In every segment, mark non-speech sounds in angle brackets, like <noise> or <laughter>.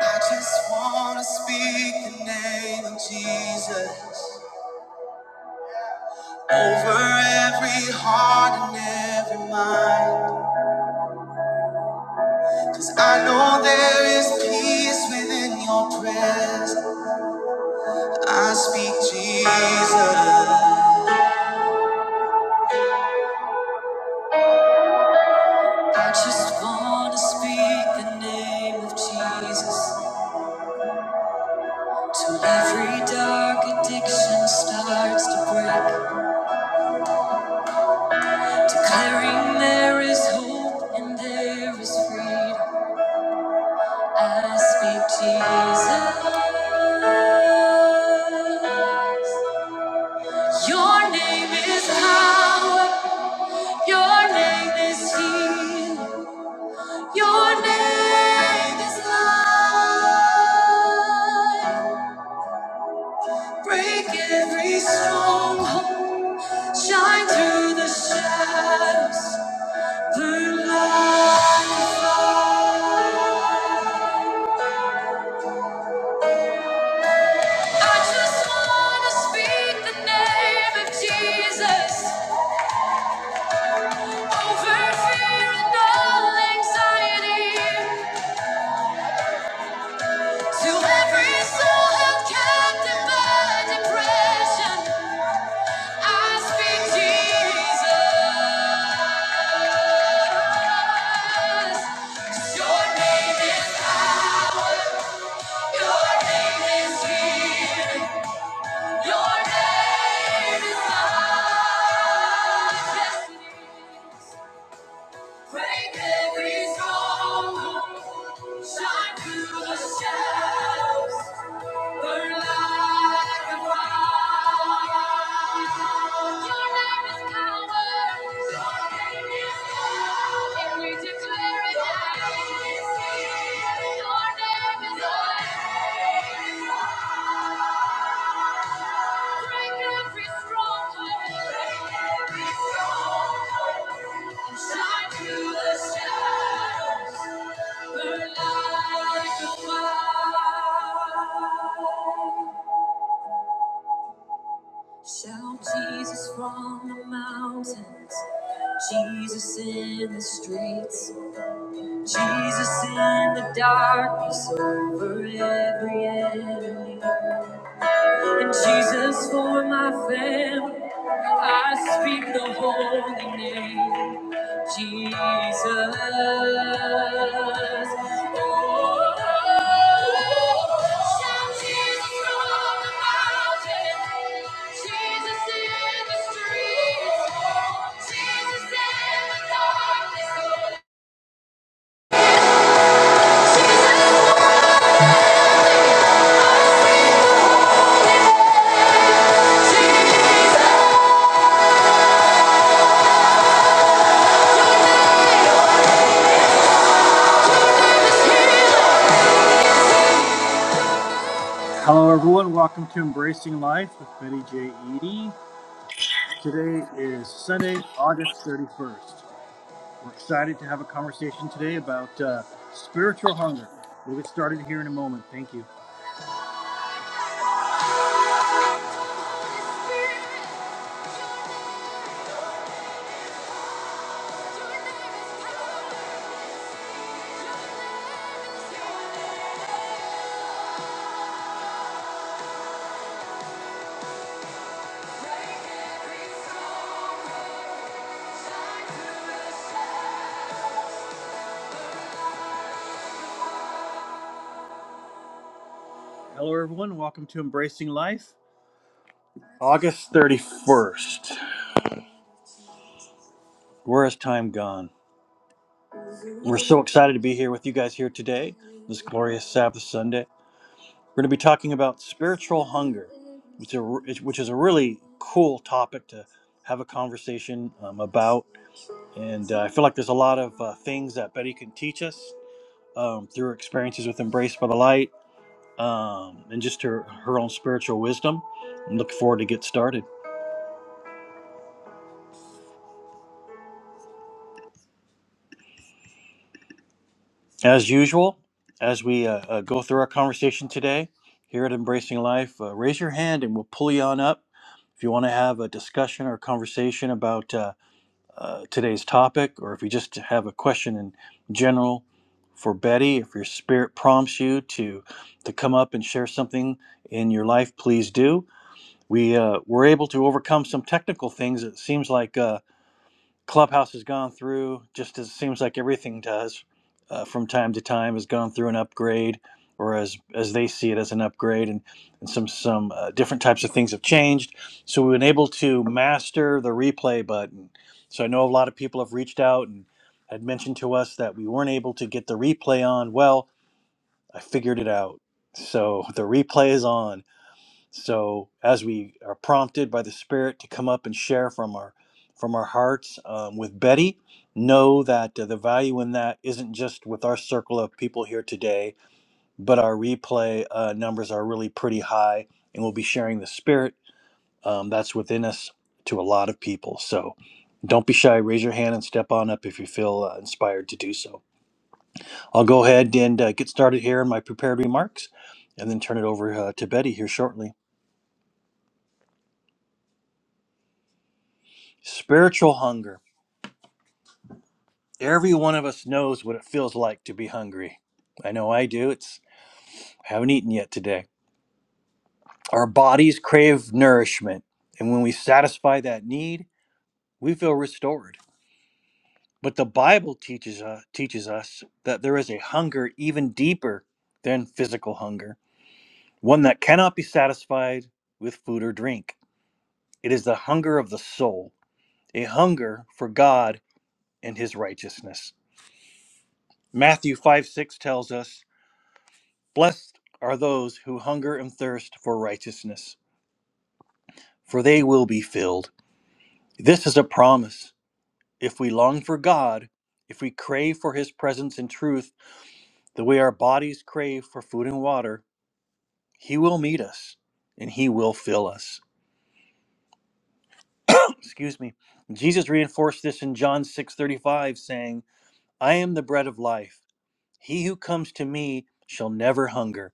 I just wanna speak the name of Jesus over every heart and every mind. Cause I know there is peace within your presence. I speak Jesus. I just wanna speak the name of Jesus. Till every dark addiction starts to break. Declaring there is hope and there is freedom. I speak Jesus. Your name is power. Your name is healing. Your name is life. Break every stronghold. Shine through the shadows. Burn light. I just wanna speak the name of Jesus. Over fear and all anxiety. To every soul held captive by depression, I speak Jesus. Your name is power. Your name is healing. Your name is majesty. Break every stronghold. Shine through the shadows. Shine through the shadows, burn like a fire. Shout Jesus from the mountains, Jesus in the streets, Jesus in the darkness over every enemy. And Jesus for my family, I speak the holy name, Jesus. Oh, shout Jesus from the mountain, Jesus in the streets, Jesus in the darkness, Jesus, Jesus, Jesus. Hello, everyone. Welcome to Embracing Life with Betty J. Eady. Today is Sunday, August 31st. We're excited to have a conversation today about uh, spiritual hunger. We'll get started here in a moment. Thank you. Hello, everyone. Welcome to Embracing Life. August 31st. Where has time gone? We're so excited to be here with you guys here today, this glorious Sabbath Sunday. We're going to be talking about spiritual hunger, which, a, which is a really cool topic to have a conversation um, about. And uh, I feel like there's a lot of uh, things that Betty can teach us um, through her experiences with Embrace by the Light um, and just her, her own spiritual wisdom. I'm looking forward to get started. As usual, as we uh, uh, go through our conversation today here at Embracing Life, uh, raise your hand and we'll pull you on up. If you want to have a discussion or conversation about uh, uh, today's topic, or if you just have a question in general for Betty, if your spirit prompts you to to come up and share something in your life, please do. We uh, were able to overcome some technical things. It seems like. Uh, Clubhouse has gone through, just as it seems like everything does, uh, from time to time, has gone through an upgrade, or as as they see it as an upgrade, and and some some uh, different types of things have changed. So we've been able to master the replay button. So I know a lot of people have reached out and had mentioned to us that we weren't able to get the replay on. Well, I figured it out. So <laughs> the replay is on so as we are prompted by the Spirit to come up and share from our from our hearts um, with Betty, know that uh, the value in that isn't just with our circle of people here today, but our replay uh, numbers are really pretty high, and we'll be sharing the Spirit um, that's within us to a lot of people. So don't be shy. Raise your hand and step on up if you feel uh, inspired to do so. I'll go ahead and uh, get started here in my prepared remarks, and then turn it over uh, to Betty here shortly. Spiritual hunger. Every one of us knows what it feels like to be hungry. I know I do. It's I haven't eaten yet today. Our bodies crave nourishment, and when we satisfy that need, we feel restored. But the Bible teaches us, teaches us that there is a hunger even deeper than physical hunger, one that cannot be satisfied with food or drink. It is the hunger of the soul, a hunger for God and his righteousness. Matthew 5 6 tells us Blessed are those who hunger and thirst for righteousness, for they will be filled. This is a promise. If we long for God, if we crave for his presence and truth, the way our bodies crave for food and water, he will meet us and he will fill us. <clears throat> Excuse me. Jesus reinforced this in John 6:35 saying, "I am the bread of life. He who comes to me shall never hunger,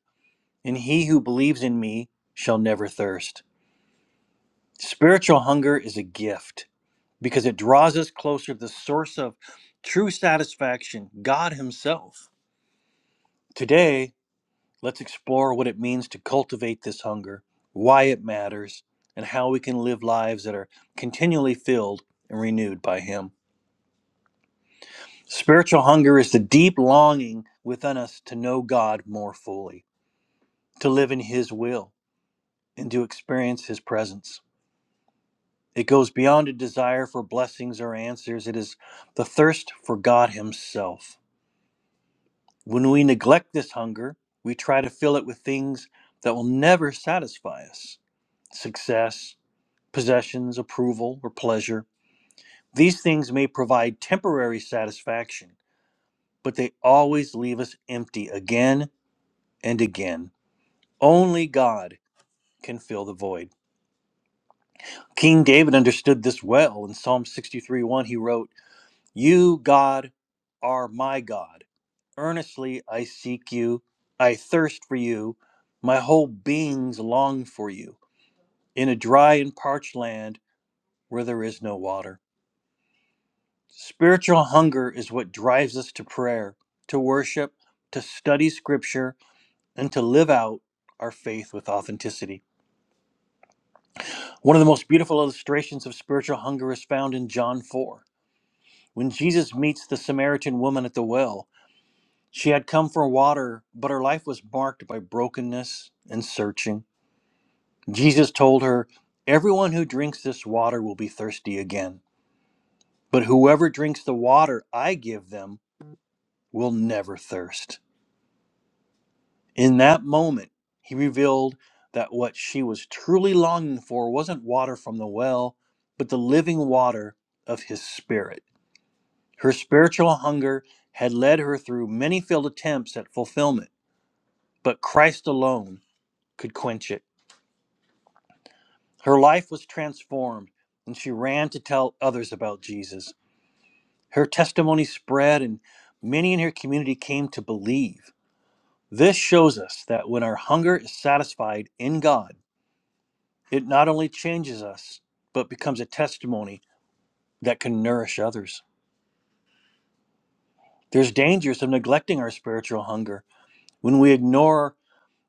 and he who believes in me shall never thirst." Spiritual hunger is a gift. because it draws us closer to the source of true satisfaction, God Himself. Today, let's explore what it means to cultivate this hunger, why it matters, and how we can live lives that are continually filled and renewed by Him. Spiritual hunger is the deep longing within us to know God more fully, to live in His will, and to experience His presence. It goes beyond a desire for blessings or answers. It is the thirst for God Himself When we neglect this hunger, we try to fill it with things that will never satisfy us success, possessions, approval, or pleasure. These things may provide temporary satisfaction, but they always leave us empty again and again. Only God can fill the void. King David understood this well. In Psalm 63 1, he wrote, You, God, are my God. Earnestly I seek you. I thirst for you. My whole being's long for you in a dry and parched land where there is no water. Spiritual hunger is what drives us to prayer, to worship, to study scripture, and to live out our faith with authenticity. One of the most beautiful illustrations of spiritual hunger is found in John 4. When Jesus meets the Samaritan woman at the well, she had come for water, but her life was marked by brokenness and searching. Jesus told her, Everyone who drinks this water will be thirsty again, but whoever drinks the water I give them will never thirst. In that moment, he revealed that what she was truly longing for wasn't water from the well, but the living water of his spirit. Her spiritual hunger had led her through many failed attempts at fulfillment, but Christ alone could quench it. Her life was transformed, and she ran to tell others about Jesus. Her testimony spread, and many in her community came to believe. This shows us that when our hunger is satisfied in God, it not only changes us, but becomes a testimony that can nourish others. There's dangers of neglecting our spiritual hunger. When we ignore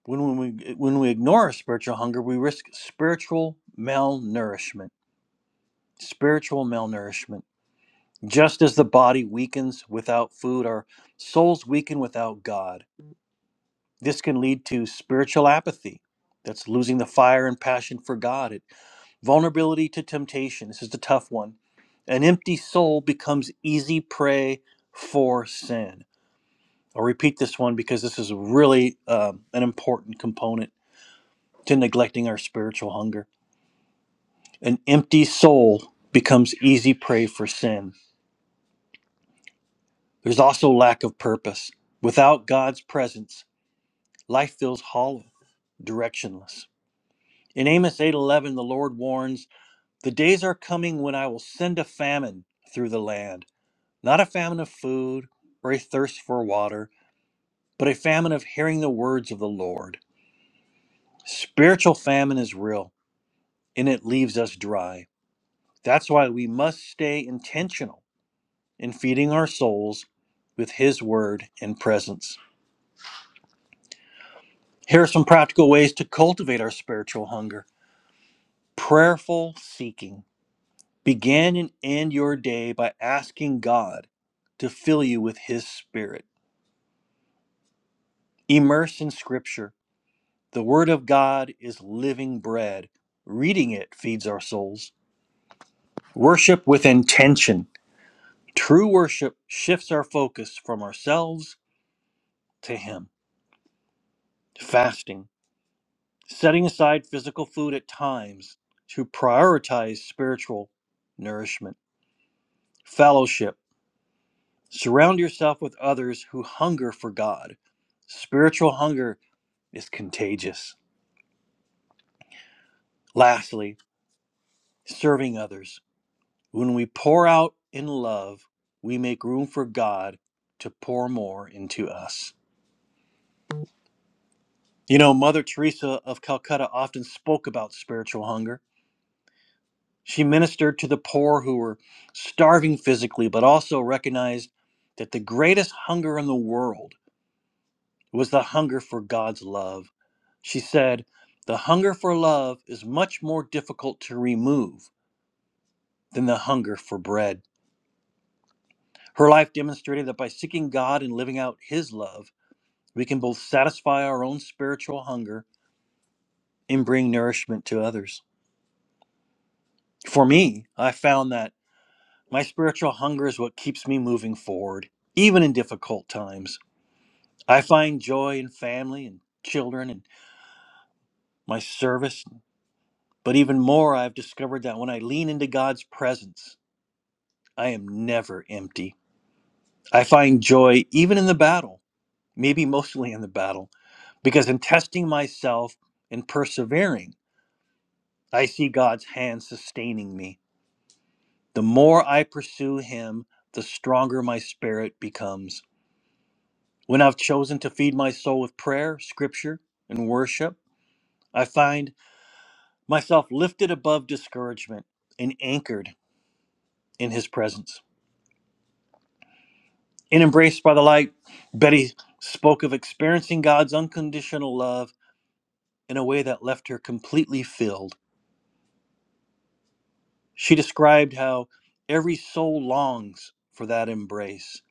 when, when we when we ignore our spiritual hunger, we risk spiritual malnourishment. Spiritual malnourishment. Just as the body weakens without food, our souls weaken without God. This can lead to spiritual apathy. That's losing the fire and passion for God. It, vulnerability to temptation. This is the tough one. An empty soul becomes easy prey for sin. I'll repeat this one because this is really um, an important component to neglecting our spiritual hunger. An empty soul becomes easy prey for sin. There's also lack of purpose. Without God's presence, life feels hollow, directionless. In Amos 8:11, the Lord warns The days are coming when I will send a famine through the land, not a famine of food or a thirst for water, but a famine of hearing the words of the Lord. Spiritual famine is real, and it leaves us dry. That's why we must stay intentional in feeding our souls with His word and presence. Here are some practical ways to cultivate our spiritual hunger prayerful seeking. Begin and end your day by asking God to fill you with His Spirit. Immerse in Scripture. The Word of God is living bread. Reading it feeds our souls. Worship with intention. True worship shifts our focus from ourselves to Him. Fasting. Setting aside physical food at times to prioritize spiritual nourishment. Fellowship. Surround yourself with others who hunger for God. Spiritual hunger is contagious. Lastly, serving others. When we pour out in love, we make room for God to pour more into us. You know, Mother Teresa of Calcutta often spoke about spiritual hunger. She ministered to the poor who were starving physically, but also recognized that the greatest hunger in the world was the hunger for God's love. She said, The hunger for love is much more difficult to remove than the hunger for bread. Her life demonstrated that by seeking God and living out His love, We can both satisfy our own spiritual hunger and bring nourishment to others. For me, I found that my spiritual hunger is what keeps me moving forward, even in difficult times. I find joy in family and children and my service. But even more, I've discovered that when I lean into God's presence, I am never empty. I find joy even in the battle, maybe mostly in the battle, because in testing myself and persevering, I see God's hand sustaining me. The more I pursue him, the stronger my spirit becomes. When I've chosen to feed my soul with prayer, scripture, and worship, I find myself lifted above discouragement and anchored in his presence. In Embraced by the Light, Betty spoke of experiencing God's unconditional love in a way that left her completely filled. She described how every soul longs for that embrace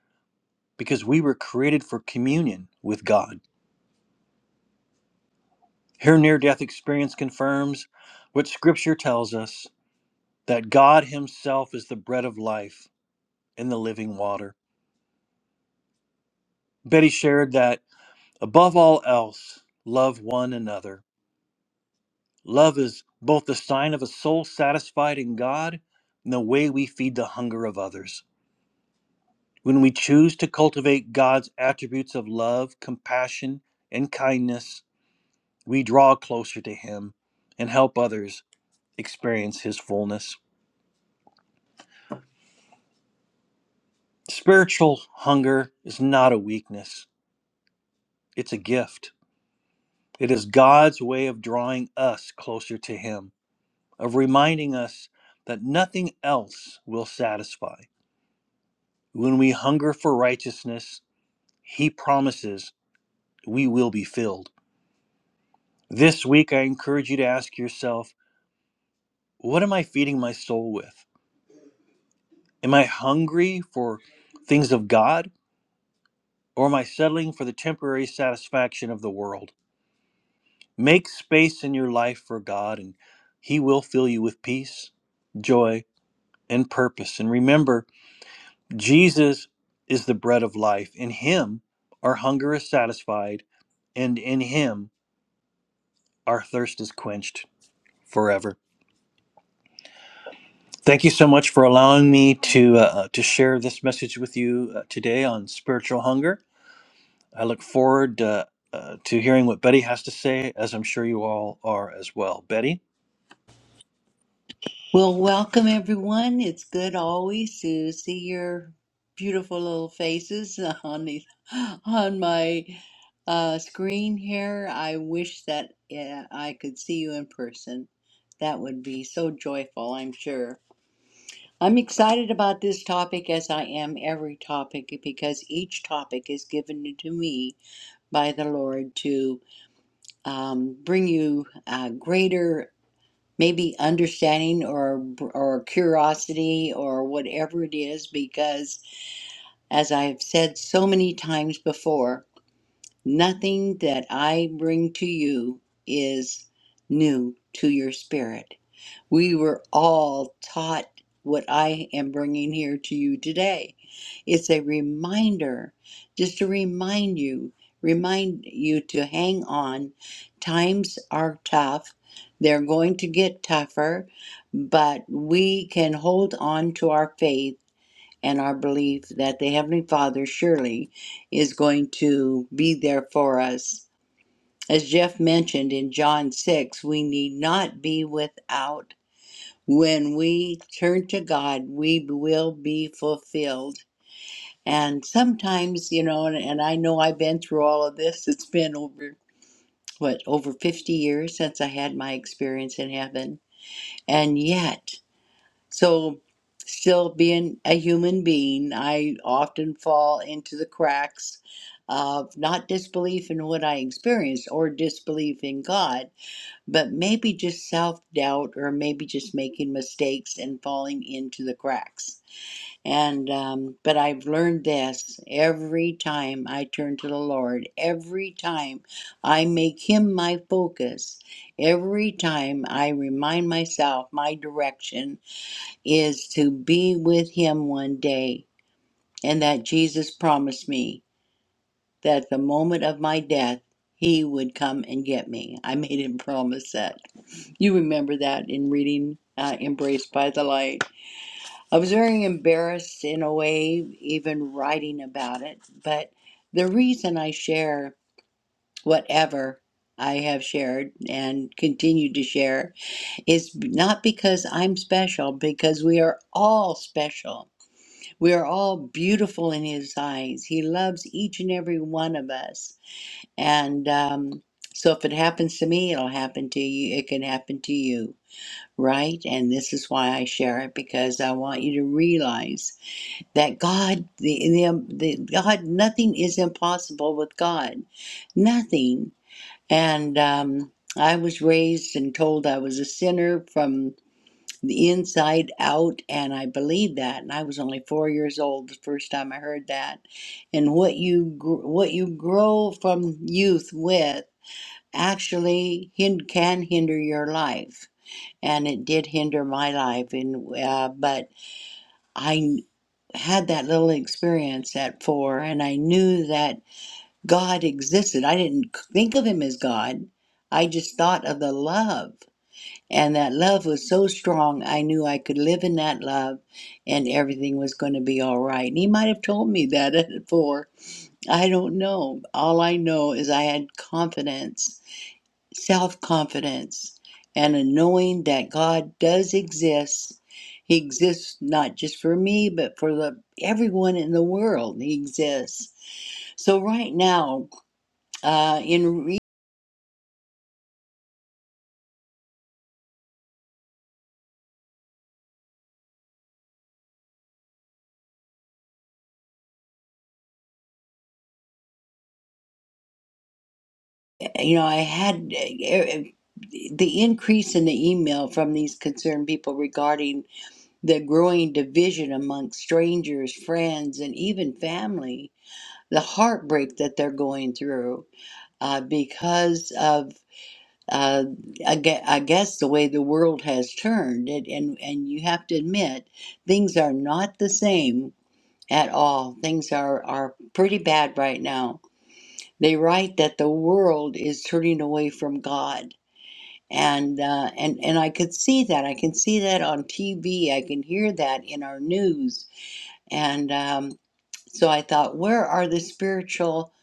because we were created for communion with God. Her near death experience confirms what Scripture tells us that God Himself is the bread of life and the living water. Betty shared that above all else, love one another. Love is both the sign of a soul satisfied in God and the way we feed the hunger of others. When we choose to cultivate God's attributes of love, compassion, and kindness, we draw closer to Him and help others experience His fullness. Spiritual hunger is not a weakness, it's a gift. It is God's way of drawing us closer to Him, of reminding us that nothing else will satisfy. When we hunger for righteousness, He promises we will be filled. This week, I encourage you to ask yourself what am I feeding my soul with? Am I hungry for things of God, or am I settling for the temporary satisfaction of the world? Make space in your life for God, and He will fill you with peace, joy, and purpose. And remember, Jesus is the bread of life. In Him, our hunger is satisfied, and in Him, our thirst is quenched forever. Thank you so much for allowing me to uh, uh, to share this message with you uh, today on spiritual hunger. I look forward uh, uh, to hearing what Betty has to say, as I'm sure you all are as well. Betty. Well, welcome everyone. It's good always to see your beautiful little faces <laughs> on the on my uh, screen here. I wish that uh, I could see you in person. That would be so joyful, I'm sure. I'm excited about this topic as I am every topic because each topic is given to me by the Lord to um, bring you uh, greater maybe understanding or or curiosity or whatever it is because as i've said so many times before nothing that i bring to you is new to your spirit we were all taught what I am bringing here to you today. It's a reminder, just to remind you, remind you to hang on. Times are tough, they're going to get tougher, but we can hold on to our faith and our belief that the Heavenly Father surely is going to be there for us. As Jeff mentioned in John 6, we need not be without when we turn to God, we will be fulfilled. And sometimes, you know, and, and I know I've been through all of this. It's been over, what, over 50 years since I had my experience in heaven. And yet, so still being a human being, I often fall into the cracks of not disbelief in what I experienced or disbelief in God but maybe just self doubt or maybe just making mistakes and falling into the cracks. And, um, but I've learned this every time I turn to the Lord, every time I make Him my focus, every time I remind myself my direction is to be with Him one day and that Jesus promised me that the moment of my death, he would come and get me. I made him promise that. You remember that in reading uh, Embraced by the Light. I was very embarrassed in a way, even writing about it, but the reason I share whatever I have shared and continue to share is not because I'm special, because we are all special. We are all beautiful in His eyes. He loves each and every one of us. And um, so if it happens to me, it'll happen to you. It can happen to you, right? And this is why I share it because I want you to realize that God, the, the, um, the God, nothing is impossible with God, nothing. And um, I was raised and told I was a sinner from the inside out, and I believed that. And I was only four years old the first time I heard that. And what you gr- what you grow from youth with actually hin- can hinder your life. And it did hinder my life. And uh, but I had that little experience at four, and I knew that God existed. I didn't think of Him as God. I just thought of the love, and that love was so strong. I knew I could live in that love, and everything was going to be all right. And He might have told me that <laughs> at four. I don't know. All I know is I had confidence self confidence, and a knowing that God does exist. He exists not just for me, but for the, everyone in the world. He exists. So right now, uh, in re- you know, I had uh, the increase in the email from these concerned people regarding the growing division amongst strangers, friends, and even family, the heartbreak that they're going through uh, because of uh, I, gue- I guess the way the world has turned, it, and and you have to admit things are not the same at all. Things are are pretty bad right now. They write that the world is turning away from God, and uh, and and I could see that. I can see that on TV. I can hear that in our news, and um, so I thought, where are the spiritual?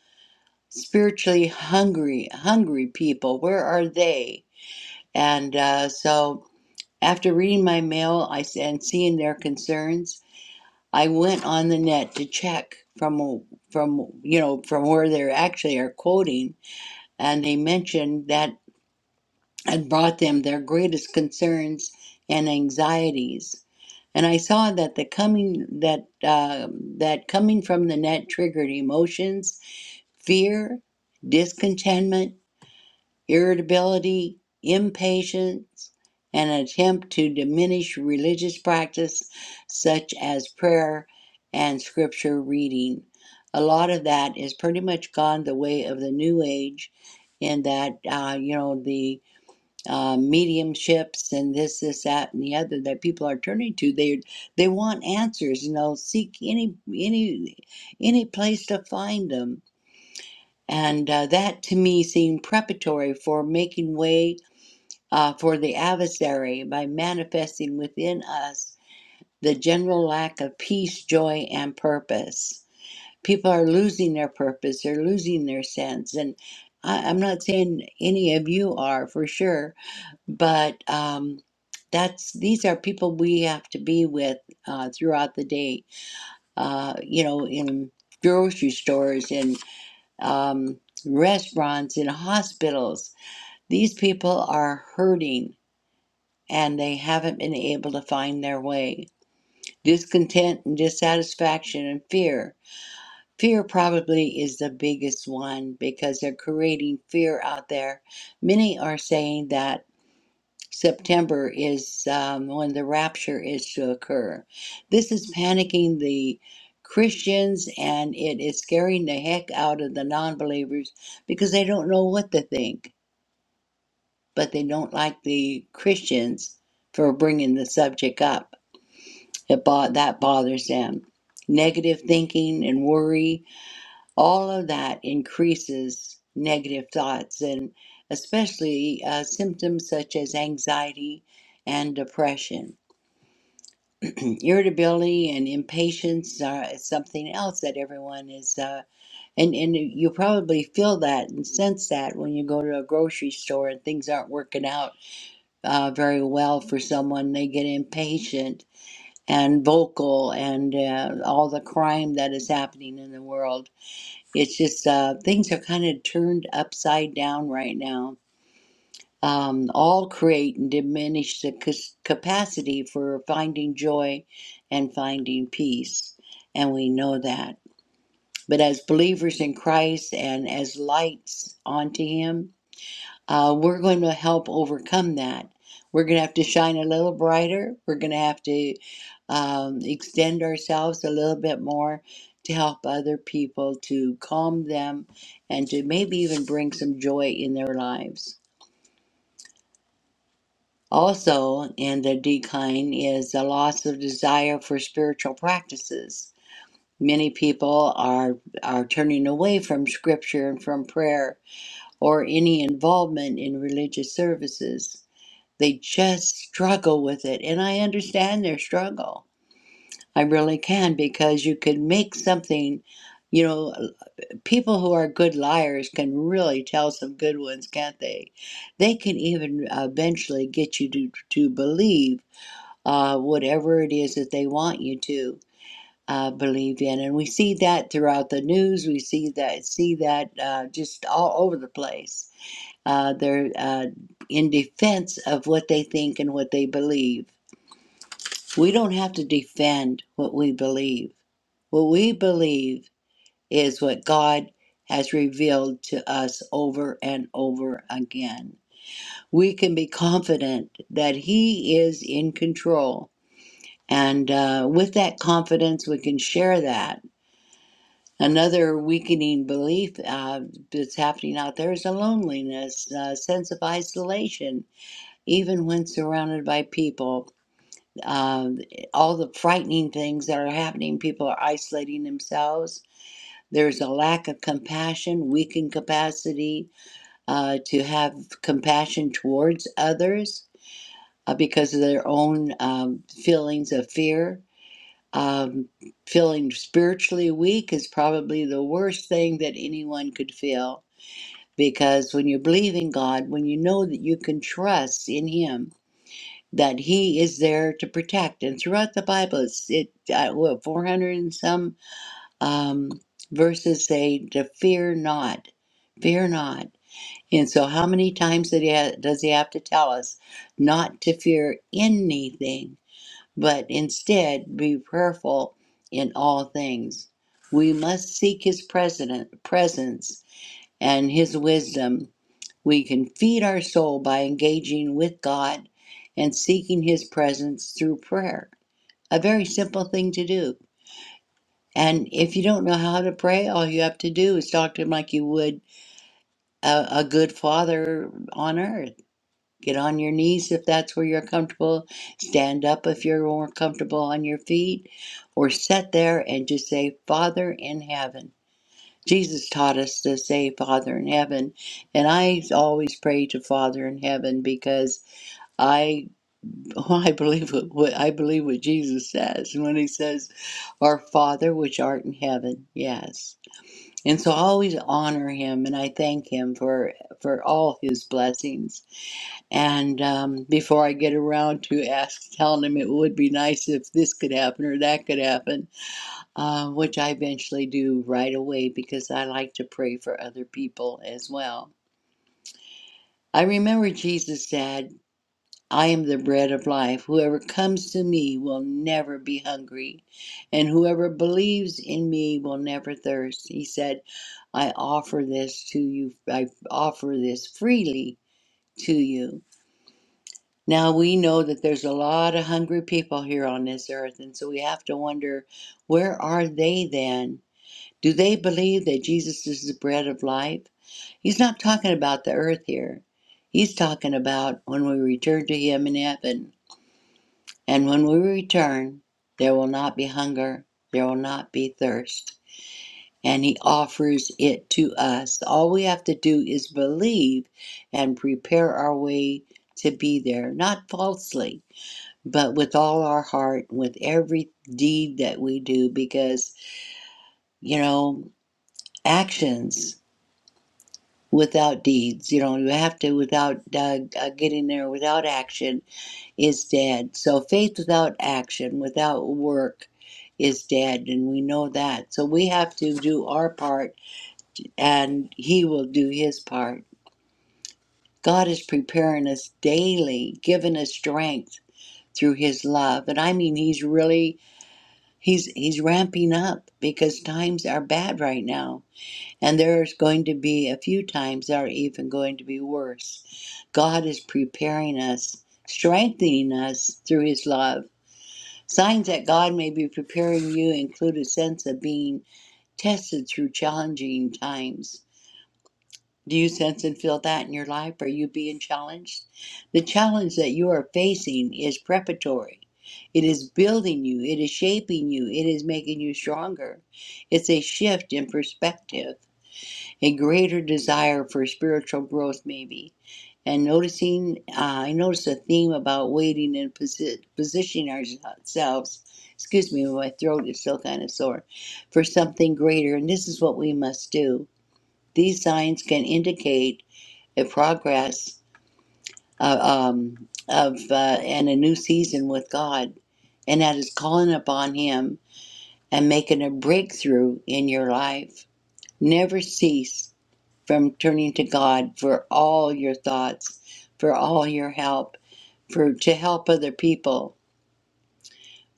spiritually hungry hungry people where are they and uh, so After reading my mail I s- and seeing their concerns, I went on the net to check from from you know from where they actually are quoting, and they mentioned that had brought them their greatest concerns and anxieties. And I saw that the coming that uh, that coming from the net triggered emotions, fear, discontentment irritability, impatience, and an attempt to diminish religious practice such as prayer and scripture reading. A lot of that is pretty much gone the way of the New Age, in that, uh, you know, the uh, mediumships and this, this, that, and the other that people are turning to. They they want answers, and they'll seek any any any place to find them and uh, that to me seemed preparatory for making way uh, for the adversary by manifesting within us the general lack of peace, joy, and purpose. People are losing their purpose, they're losing their sense. And I, I'm not saying any of you are for sure, but um, that's these are people we have to be with uh, throughout the day, uh, you know, in grocery stores and um, restaurants, in hospitals. These people are hurting and they haven't been able to find their way. Discontent and dissatisfaction and fear. Fear probably is the biggest one because they're creating fear out there. Many are saying that September is um, when the rapture is to occur. This is panicking the Christians and it is scaring the heck out of the non believers because they don't know what to think, but they don't like the Christians for bringing the subject up. It bo- that bothers them. Negative thinking and worry, all of that increases negative thoughts and especially uh, symptoms such as anxiety and depression. irritability and impatience are something else that everyone is uh, and and you probably feel that and sense that when you go to a grocery store and things aren't working out uh, very well for someone they get impatient and vocal and uh, all the crime that is happening in the world it's just uh, things are kind of turned upside down right now um, all create and diminish the cas- capacity for finding joy and finding peace. And we know that. But as believers in Christ and as lights onto Him, uh, we're going to help overcome that. We're going to have to shine a little brighter. We're going to have to um, extend ourselves a little bit more to help other people, to calm them, and to maybe even bring some joy in their lives. Also, in the decline is the loss of desire for spiritual practices. Many people are, are turning away from scripture and from prayer or any involvement in religious services. They just struggle with it, and I understand their struggle. I really can because you can make something, you know, people who are good liars can really tell some good ones, can't they? They can even uh, eventually get you to, to believe uh, whatever it is that they want you to uh, believe in. And we see that throughout the news. We see that see that uh, just all over the place. Uh, they're uh, in defense of what they think and what they believe. We don't have to defend what we believe. What we believe is what God has revealed to us over and over again. We can be confident that He is in control And uh, with that confidence, we can share that. Another weakening belief uh, that's happening out there is a loneliness, a sense of isolation, even when surrounded by people. Uh, all the frightening things that are happening, people are isolating themselves. There's a lack of compassion, weakened capacity uh, to have compassion towards others uh, because of their own um, feelings of fear Um, feeling spiritually weak is probably the worst thing that anyone could feel because when you believe in God, when you know that you can trust in Him, that He is there to protect. And throughout the Bible, it's it uh, what, 400 and some um, verses say to fear not, fear not. And so, how many times did he ha- does He have to tell us not to fear anything? but instead be prayerful in all things. We must seek his president, presence and his wisdom. We can feed our soul by engaging with God and seeking his presence through prayer. A very simple thing to do. And if you don't know how to pray, all you have to do is talk to him like you would a, a good father on earth Get on your knees if that's where you're comfortable. Stand up if you're more comfortable on your feet. Or sit there and just say, Father in heaven. Jesus taught us to say Father in heaven. And I always pray to Father in heaven because I <laughs> I believe what what- I believe what Jesus says when he says, Our Father which art in heaven. Yes. And so I always honor him and I thank him for for all his blessings and um, before I get around to ask, telling him it would be nice if this could happen or that could happen, uh, which I eventually do right away because I like to pray for other people as well. I remember Jesus said, I am the bread of life. Whoever comes to me will never be hungry, and whoever believes in me will never thirst. He said, I offer this to you, I offer this freely to you. Now we know that there's a lot of hungry people here on this earth, and so we have to wonder where are they then? Do they believe that Jesus is the bread of life? He's not talking about the earth here. He's talking about when we return to Him in heaven. And when we return, there will not be hunger, there will not be thirst. And He offers it to us. All we have to do is believe and prepare our way to be there, not falsely but with all our heart, with every deed that we do, because, you know, actions without deeds, you know, you have to, without uh, uh, getting there, without action is dead. So faith without action, without work, is dead, and we know that. So we have to do our part, and He will do His part. God is preparing us daily, giving us strength through His love. And I mean, He's really He's he's ramping up because times are bad right now, and there's going to be a few times that are even going to be worse. God is preparing us, strengthening us through his love. Signs that God may be preparing you include a sense of being tested through challenging times. Do you sense and feel that in your life? Are you being challenged? The challenge that you are facing is preparatory. It is building you, it is shaping you, it is making you stronger. It's a shift in perspective, a greater desire for spiritual growth, maybe. And noticing, uh, I noticed a theme about waiting and posi- positioning ourselves. Excuse me, my throat is still kind of sore. For something greater, and this is what we must do. These signs can indicate a progress uh, um, of uh, and a new season with God, and that is calling upon Him and making a breakthrough in your life. Never cease from turning to God for all your thoughts, for all your help, for to help other people.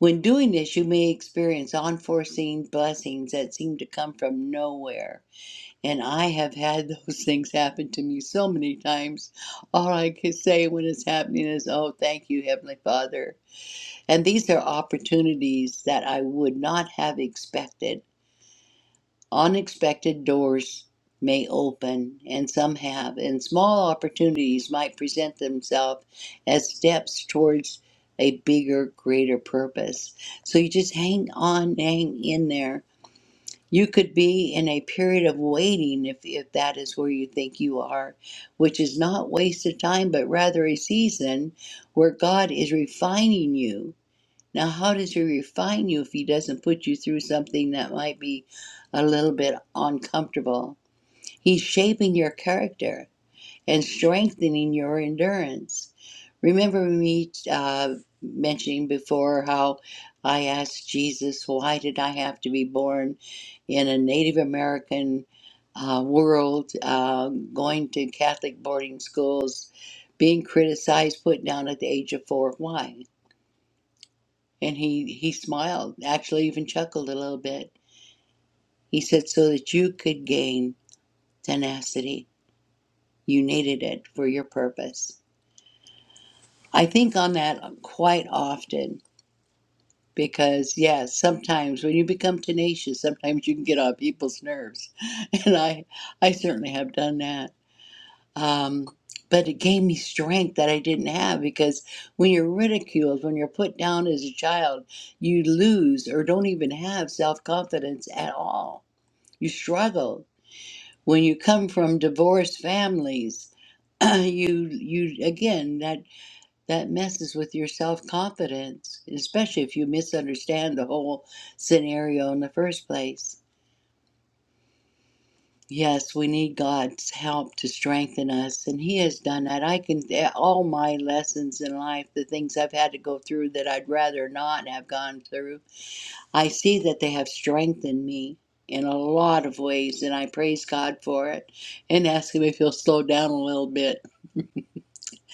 When doing this, you may experience unforeseen blessings that seem to come from nowhere And I have had <laughs> those things happen to me so many times. All I can say when it's happening is, Oh, thank you, Heavenly Father. And these are opportunities that I would not have expected. Unexpected doors may open, and some have, and small opportunities might present themselves as steps towards a bigger, greater purpose. So you just hang on, hang in there you could be in a period of waiting if, if that is where you think you are, which is not wasted time, but rather a season where God is refining you. Now, how does He refine you if He doesn't put you through something that might be a little bit uncomfortable? He's shaping your character and strengthening your endurance. Remember me uh, mentioning before how I asked Jesus, why did I have to be born in a Native American uh, world, uh, going to Catholic boarding schools, being criticized, put down at the age of four? Why? And he, he smiled, actually, even chuckled a little bit. He said, so that you could gain tenacity. You needed it for your purpose. I think on that uh, quite often because, yeah, sometimes when you become tenacious, sometimes you can get on people's nerves, <laughs> and I, I certainly have done that. Um, but it gave me strength that I didn't have because when you're ridiculed, when you're put down as a child, you lose or don't even have self confidence at all. You struggle when you come from divorced families. <clears throat> you, you again that that messes with your self confidence, especially if you misunderstand the whole scenario in the first place. Yes, we need God's help to strengthen us, and He has done that. I can, eh, all my lessons in life, the things I've had to go through that I'd rather not have gone through, I see that they have strengthened me in a lot of ways, and I praise God for it and ask Him if He'll slow down a little bit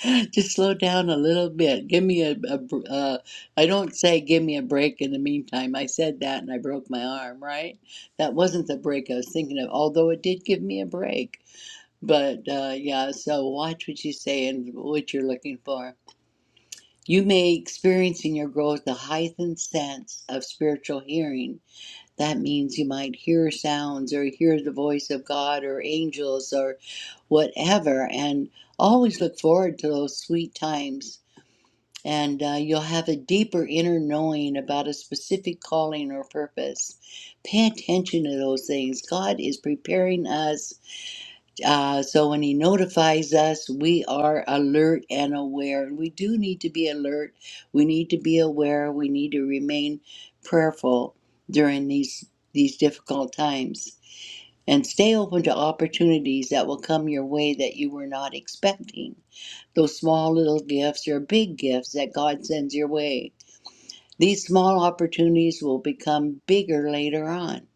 <laughs> Just slow down a little bit. Give me a, a br- uh, I don't say give me a break in the meantime. I said that and I broke my arm, right? That wasn't the break I was thinking of, although it did give me a break. But uh, yeah, so watch what you say and what you're looking for. You may experience in your growth the heightened sense of spiritual hearing. That means you might hear sounds or hear the voice of God or angels or whatever, and always look forward to those sweet times and uh, you'll have a deeper inner knowing about a specific calling or purpose. Pay attention to those things. God is preparing us uh, so when He notifies us, we are alert and aware. we do need to be alert, we need to be aware, we need to remain prayerful during these, these difficult times. And stay open to opportunities that will come your way that you were not expecting those small little gifts are big gifts that God sends your way. These small opportunities will become bigger later on.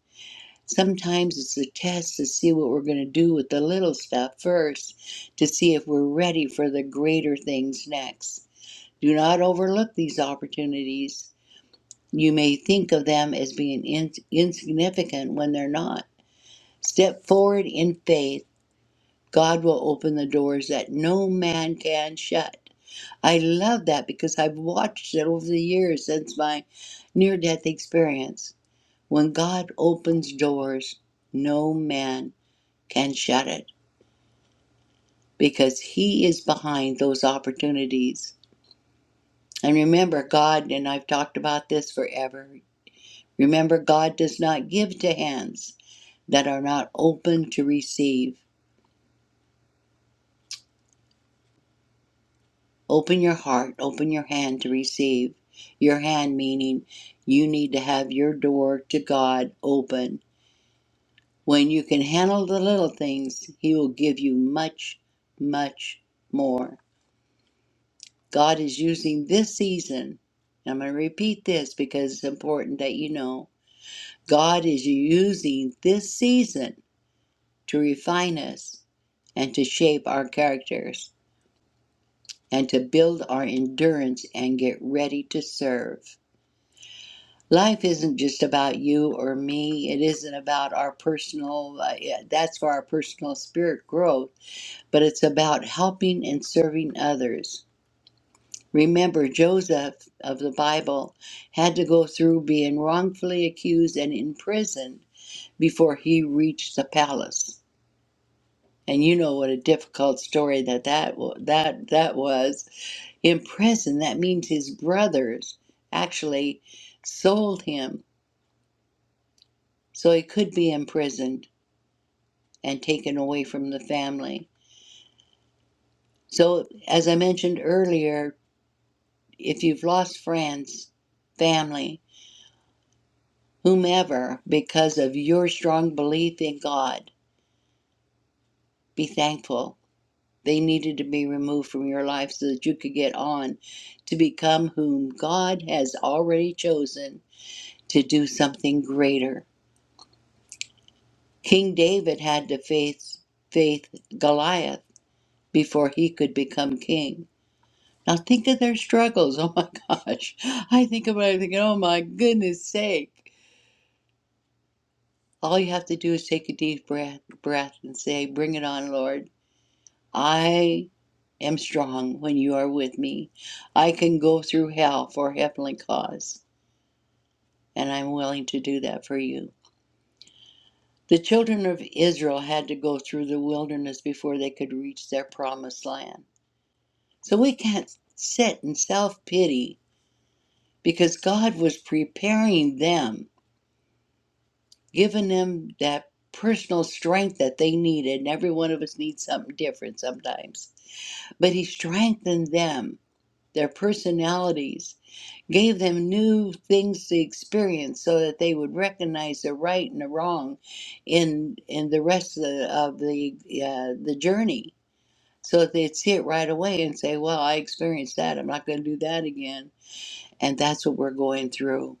Sometimes it's a test to see what we're going to do with the little stuff first to see if we're ready for the greater things next. Do not overlook these opportunities. You may think of them as being in- insignificant when they're not. Step forward in faith. God will open the doors that no man can shut. I love that because I've watched it over the years since my near death experience. When God opens doors, no man can shut it because He is behind those opportunities. And remember, God, and I've talked about this forever, remember, God does not give to hands that are not open to receive. Open your heart, open your hand to receive. Your hand meaning you need to have your door to God open When you can handle the little things, He will give you much, much more. God is using this season. and I'm going to repeat this because it's important that you know. God is using this season to refine us and to shape our characters and to build our endurance and get ready to serve. Life isn't just about you or me. It isn't about our personal, uh, yeah, that's for our personal spirit growth but it's about helping and serving others. Remember, Joseph of the Bible had to go through being wrongfully accused and imprisoned before he reached the palace. And you know what a difficult story that that wa- that that was. In prison, that means his brothers actually sold him so he could be imprisoned and taken away from the family. So, as I mentioned earlier, If you've lost friends, family, whomever, because of your strong belief in God, be thankful. They needed to be removed from your life so that you could get on to become whom God has already chosen to do something greater. King David had to face, faith Goliath before he could become king. Now think of their struggles. <laughs> Oh my gosh. I think about it thinking, oh my goodness sake. All you have to do is take a deep breath, breath and say, Bring it on, Lord. I am strong when you are with me. I can go through hell for a heavenly cause, and I'm willing to do that for you. The children of Israel had to go through the wilderness before they could reach their promised land. So we can't sit in self pity because God was preparing them, giving them that personal strength that they needed. And every one of us needs something different sometimes but he strengthened them, their personalities, gave them new things to experience so that they would recognize the right and the wrong in in the rest of the of the, uh, the journey so that they'd see it right away and say well i experienced that i'm not going to do that again and that's what we're going through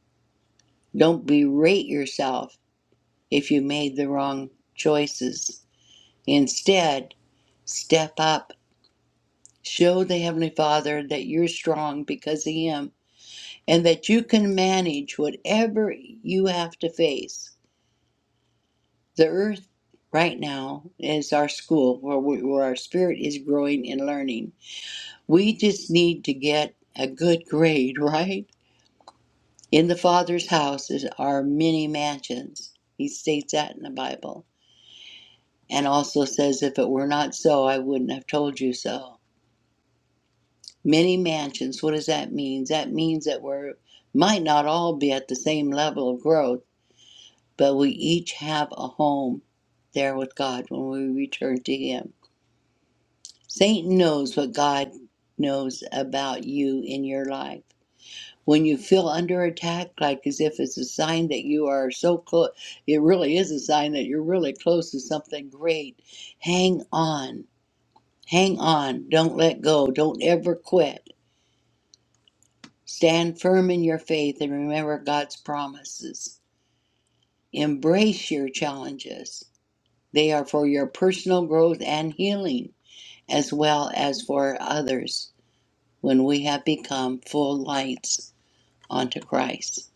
don't berate yourself if you made the wrong choices instead step up Show the Heavenly Father that you're strong because of Him and that you can manage whatever you have to face. The earth right now is our school where, we, where our spirit is growing and learning. We just need to get a good grade, <laughs> right? In the Father's house is, are many mansions. He states that in the Bible and also says, If it were not so, I wouldn't have told you so. Many mansions, what does that mean? That means that we might not all be at the same level of growth, but we each have a home there with God when we return to Him. Satan knows what God knows about you in your life. When you feel under attack, like as if it's a sign that you are so close, it really is a sign that you're really close to something great. Hang on. Hang on. Don't let go. Don't ever quit Stand firm in your faith and remember God's promises. Embrace your challenges. They are for your personal growth and healing, as well as for others when we have become full lights unto Christ.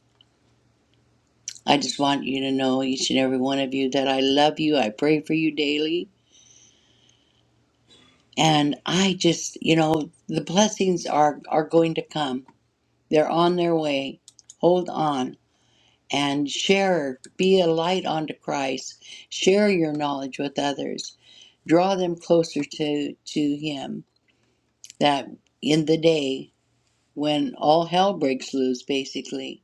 I just want you to know, each and every one of you, that I love you. I pray for you daily. And I just, you know, the blessings are, are going to come, they're on their way. Hold on and share, be a light unto Christ, share your knowledge with others, draw them closer to, to Him. That in the day when all hell breaks loose, basically,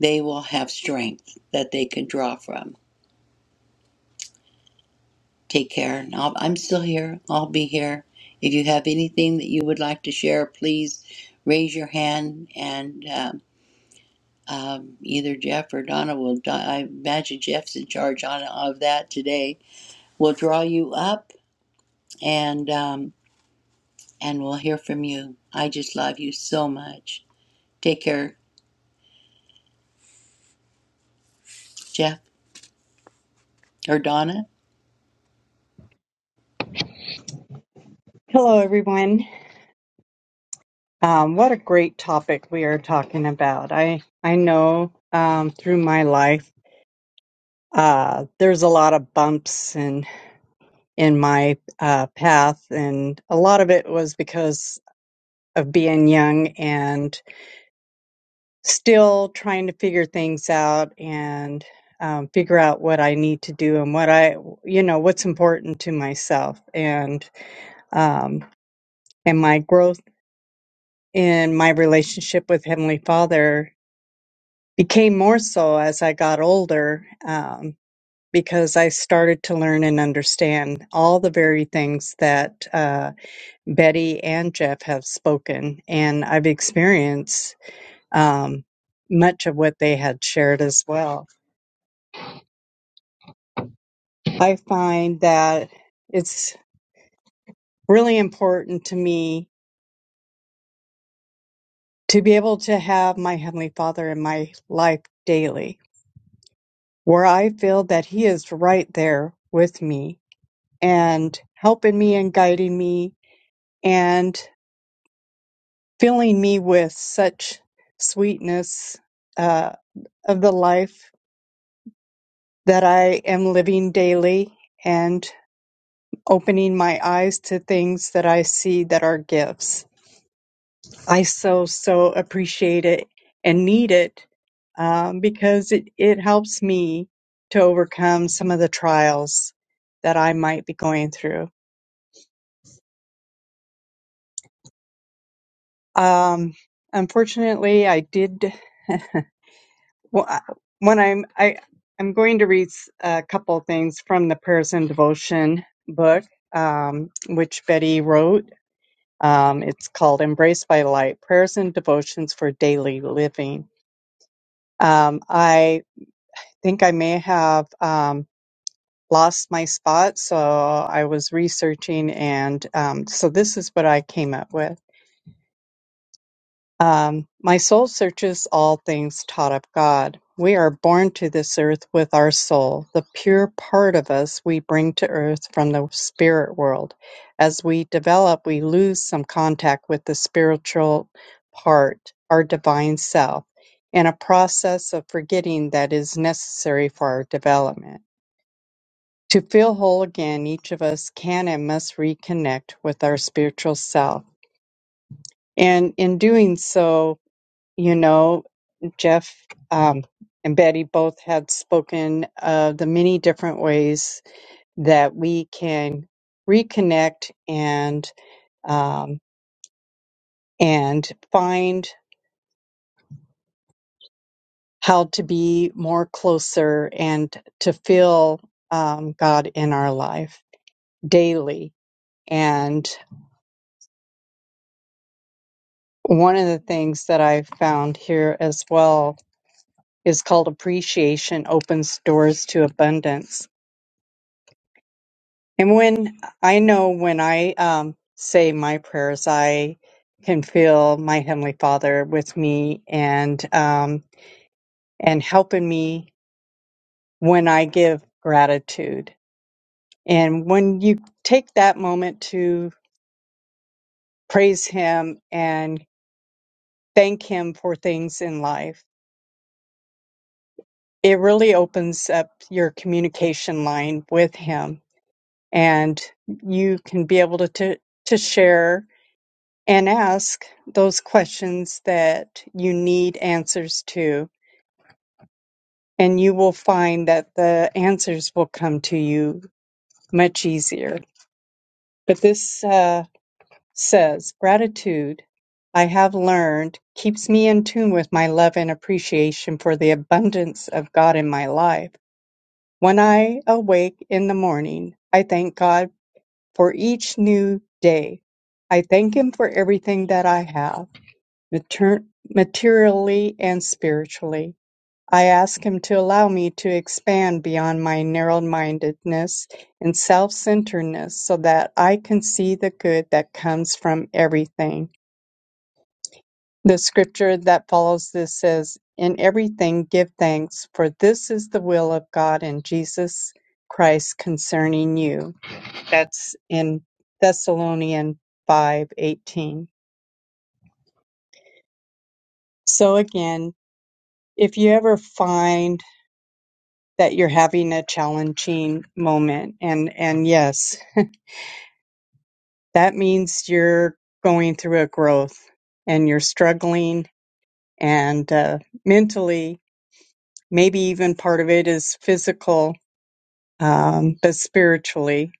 they will have strength that they can draw from. Take care. And I'll, I'm still here. I'll be here. If you have anything that you would like to share, please raise your hand and um, um, either Jeff or Donna will. Di- I imagine Jeff's in charge on, of that today We'll draw you up and um, and we'll hear from you. I just love you so much. Take care, Jeff or Donna. Hello, everyone. Um, what a great topic we are talking about. I I know um, through my life, uh, there's a lot of bumps in in my uh, path, and a lot of it was because of being young and still trying to figure things out and um, figure out what I need to do and what I you know what's important to myself and um, and my growth in my relationship with Heavenly Father became more so as I got older um, because I started to learn and understand all the very things that uh, Betty and Jeff have spoken, and I've experienced um, much of what they had shared as well. I find that it's really important to me to be able to have my Heavenly Father in my life daily, where I feel that He is right there with me and helping me and guiding me and filling me with such sweetness uh, of the life that I am living daily and opening my eyes to things that I see that are gifts. I so, so appreciate it and need it um, because it, it helps me to overcome some of the trials that I might be going through. Um, unfortunately, I did. <laughs> Well, I- when I'm I I'm going to read s- a couple things from the Prayers and Devotion book, um, which Betty wrote. Um, it's called "Embraced by Light: Prayers and Devotions for Daily Living." Um, I think I may have um, lost my spot, so I was researching, and um, so this is what I came up with. Um, my soul searches all things taught of God. We are born to this earth with our soul, the pure part of us we bring to earth from the spirit world. As we develop, we lose some contact with the spiritual part, our divine self, in a process of forgetting that is necessary for our development. To feel whole again, each of us can and must reconnect with our spiritual self. And in doing so, you know, Jeff um, and Betty both had spoken of the many different ways that we can reconnect and um, and find how to be more closer and to feel um, God in our life daily. And one of the things that I have found here as well is called appreciation opens doors to abundance And when I know when I um, say my prayers, I can feel my heavenly Father with me and um, and helping me when I give gratitude. And when you take that moment to praise Him and thank Him for things in life, it really opens up your communication line with Him, and you can be able to to, to share and ask those questions that you need answers to, and you will find that the answers will come to you much easier. But this uh, says gratitude. I have learned keeps me in tune with my love and appreciation for the abundance of God in my life. When I awake in the morning, I thank God for each new day. I thank Him for everything that I have. mater- Materially and spiritually, I ask him to allow me to expand beyond my narrow-mindedness and self-centeredness so that I can see the good that comes from everything. The scripture that follows this says, In everything give thanks, for this is the will of God in Jesus Christ concerning you. That's in Thessalonians 5:18. So again, if you ever find that you're having a challenging moment and and yes that means you're going through a growth and you're struggling and uh, mentally maybe even part of it is physical um, but spiritually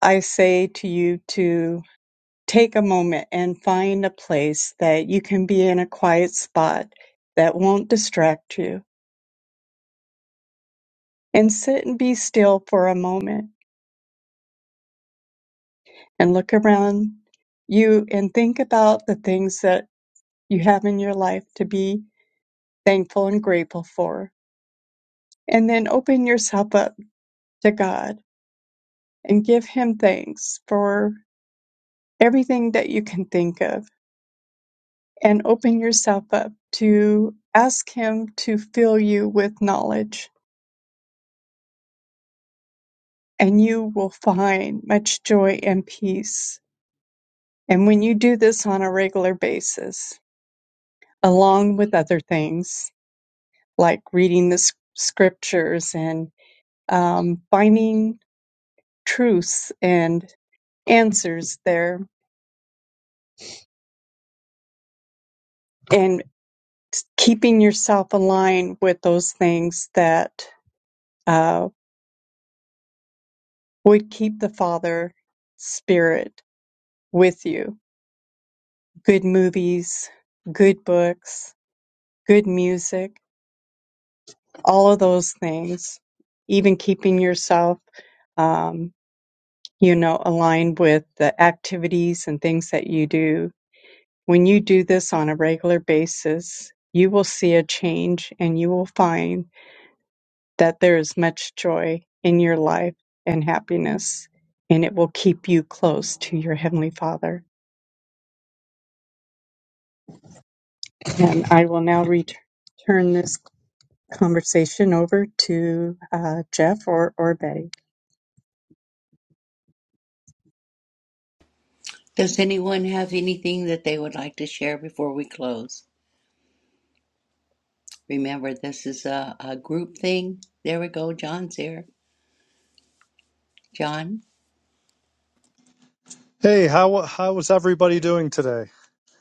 i say to you to take a moment and find a place that you can be in a quiet spot that won't distract you and sit and be still for a moment and look around you and think about the things that you have in your life to be thankful and grateful for. And then open yourself up to God and give Him thanks for everything that you can think of. And open yourself up to ask Him to fill you with knowledge, and you will find much joy and peace. And when you do this on a regular basis, along with other things, like reading the s- scriptures and um, finding truths and answers there and keeping yourself aligned with those things that uh, would keep the Father Spirit with you. Good movies, good books, good music, all of those things. Even keeping yourself, um, you know, aligned with the activities and things that you do When you do this on a regular basis, you will see a change and you will find that there is much joy in your life and happiness, and it will keep you close to your Heavenly Father. And I will now return this conversation over to uh, Jeff or, or Betty. Does anyone have anything that they would like to share before we close? Remember, this is a, a group thing. There we go. John's here. John. Hey, how how is everybody doing today?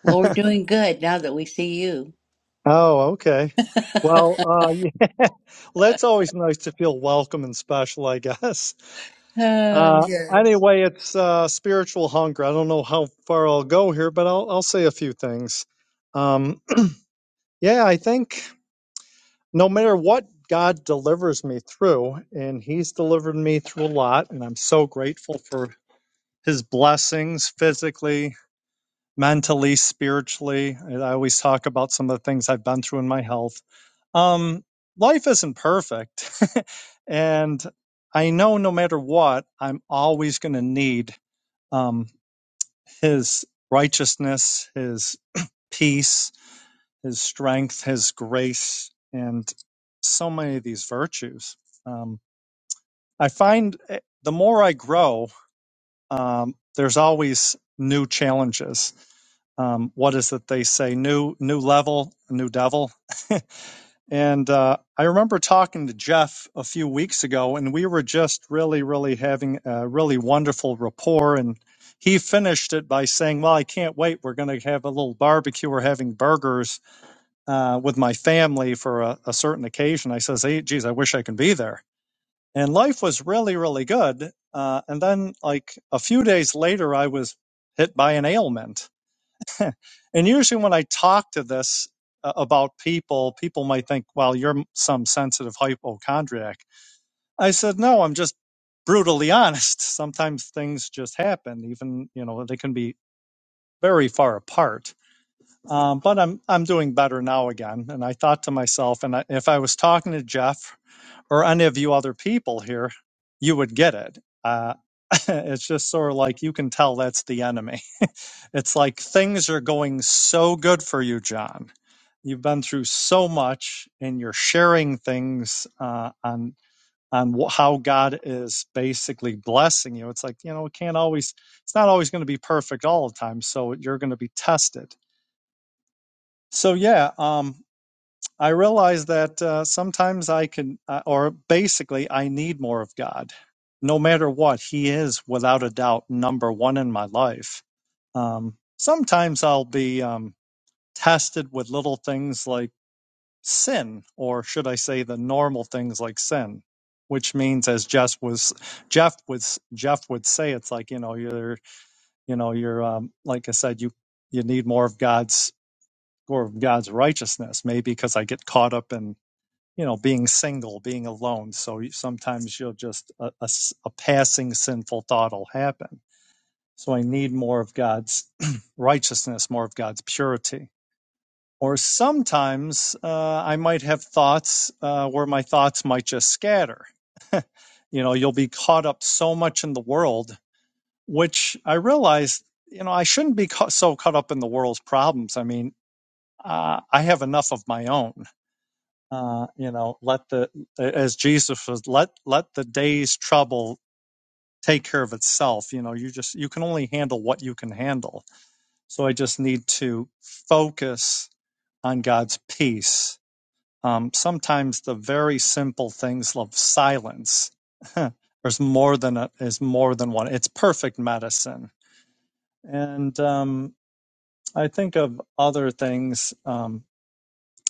Well, <laughs> we're doing good now that we see you. Oh, okay. <laughs> Well, uh, <laughs> yeah, well, it's always nice to feel welcome and special, I guess. <laughs> Ah, Uh, yes. anyway, it's uh, spiritual hunger. I don't know how far I'll go here, but I'll I'll say a few things. Um, <clears throat> yeah, I think no matter what God delivers me through, and He's delivered me through a lot, and I'm so grateful for His blessings physically, mentally, spiritually. I always talk about some of the things I've been through in my health. Um, life isn't perfect. <laughs> and I know no matter what, I'm always going to need um, His righteousness, His peace, His strength, His grace, and so many of these virtues. Um, I find eh, the more I grow, um, there's always new challenges. Um, what is it they say? New new level, new devil. <laughs> And uh, I remember talking to Jeff a few weeks ago, and we were just really, really having a really wonderful rapport. And he finished it by saying, "Well, I can't wait. We're going to have a little barbecue. We're having burgers uh, with my family for a, a certain occasion." I says, "Hey, geez, I wish I can be there." and life was really really good uh, and then like a few days later i was hit by an ailment <laughs> and usually when i talk to this uh, about people people might think well you're some sensitive hypochondriac i said no i'm just brutally <laughs> honest sometimes things just happen even you know they can be very far apart um, but I'm I'm doing better now again, and I thought to myself, and I, if I was talking to Jeff or any of you other people here, you would get it. Uh, <laughs> it's just sort of like you can tell that's the enemy. It's like things are going so good for you, John. You've been through so much, and you're sharing things uh, on on wh- how God is basically blessing you. It's like you know, it can't always. It's not always going to be perfect all the time, so you're going to be tested. So yeah, um, I realize that uh, sometimes I can, uh, or basically, I need more of God. No matter what, He is without a doubt number one in my life. Um, sometimes I'll be um, tested with little things like sin, or should I say, the normal things like sin, which means, as Jeff was, Jeff was, Jeff would say, it's like you know, you're, you know, you're, um, like I said, you, you need more of God's, more of God's righteousness. Maybe because I get caught up in you know, being single, being alone. So you- sometimes you'll just, a, a s- a passing sinful thought will happen. So I need more of God's <clears throat> righteousness, more of God's purity. Or sometimes uh, I might have thoughts uh, where my thoughts might just scatter. You know, you'll be caught up so much in the world, which I realized, you know, I shouldn't be ca- so caught up in the world's problems. I mean, uh, I have enough of my own uh, you know, let the as Jesus was let let the day's trouble take care of itself. You know, you just you can only handle what you can handle. So I just need to focus on God's peace. Um, sometimes the very simple things of silence <laughs> is more than a, is more than one. It's perfect medicine. And um, I think of other things. Um,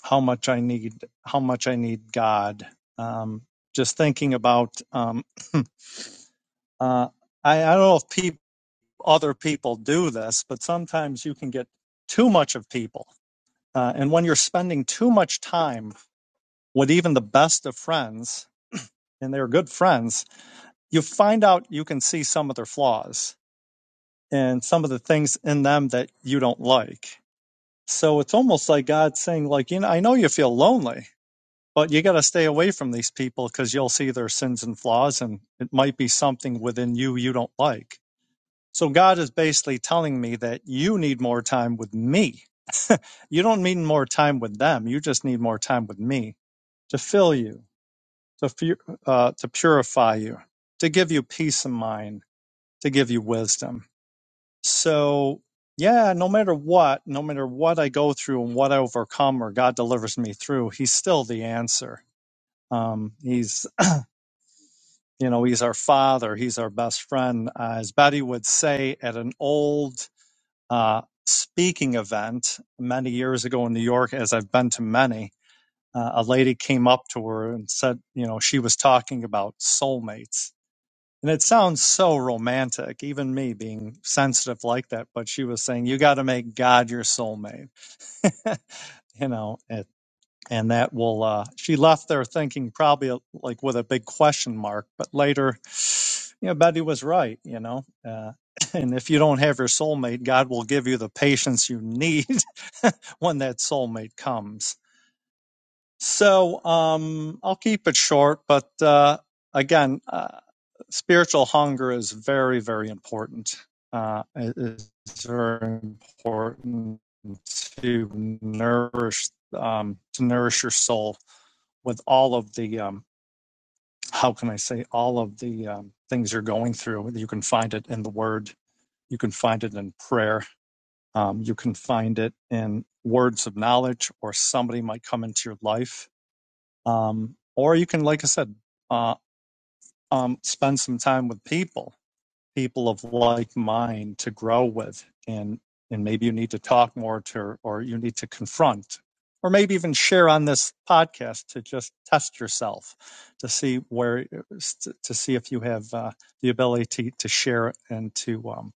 how much I need how much I need God. Um, just thinking about um, <clears throat> uh, I, I don't know if peop other people do this, but sometimes you can get too much of people, uh, and when you're spending too much time with even the best of friends, and they're good friends, you find out you can see some of their flaws and some of the things in them that you don't like. So it's almost like God saying, like, you know, I know you feel lonely But you got to stay away from these people because you'll see their sins and flaws, and it might be something within you you don't like. So God is basically telling me that you need more time with me. You don't need more time with them. You just need more time with me to fill you, to uh, to purify you, to give you peace of mind, to give you wisdom. So yeah, no matter what, no matter what I go through and what I overcome or God delivers me through, He's still the answer. Um, he's You know, he's our father, he's our best friend. Uh, as Betty would say at an old uh, speaking event many years ago in New York, as I've been to many, uh, a lady came up to her and said, you know, she was talking about soulmates. And it sounds so romantic, even me being sensitive like that. But she was saying, you got to make God your soulmate. <laughs> you know, it, and that will uh, she left there thinking probably uh, like with a big question mark but later <sighs> you know betty was right you know uh, <laughs> and if you don't have your soulmate god will give you the patience you need <laughs> when that soulmate comes so um i'll keep it short but uh again uh, spiritual hunger is very very important uh it's very important to nourish um to nourish your soul with all of the um, how can I say all of the um, things you're going through. You can find it in the Word. You can find it in prayer. Um, you can find it in words of knowledge, or somebody might come into your life, um, or you can, like I said, uh, um, spend some time with people people of like mind to grow with and and maybe you need to talk more to or you need to confront or maybe even share on this podcast to just test yourself to see where to see if you have uh, the ability to, to share and to um,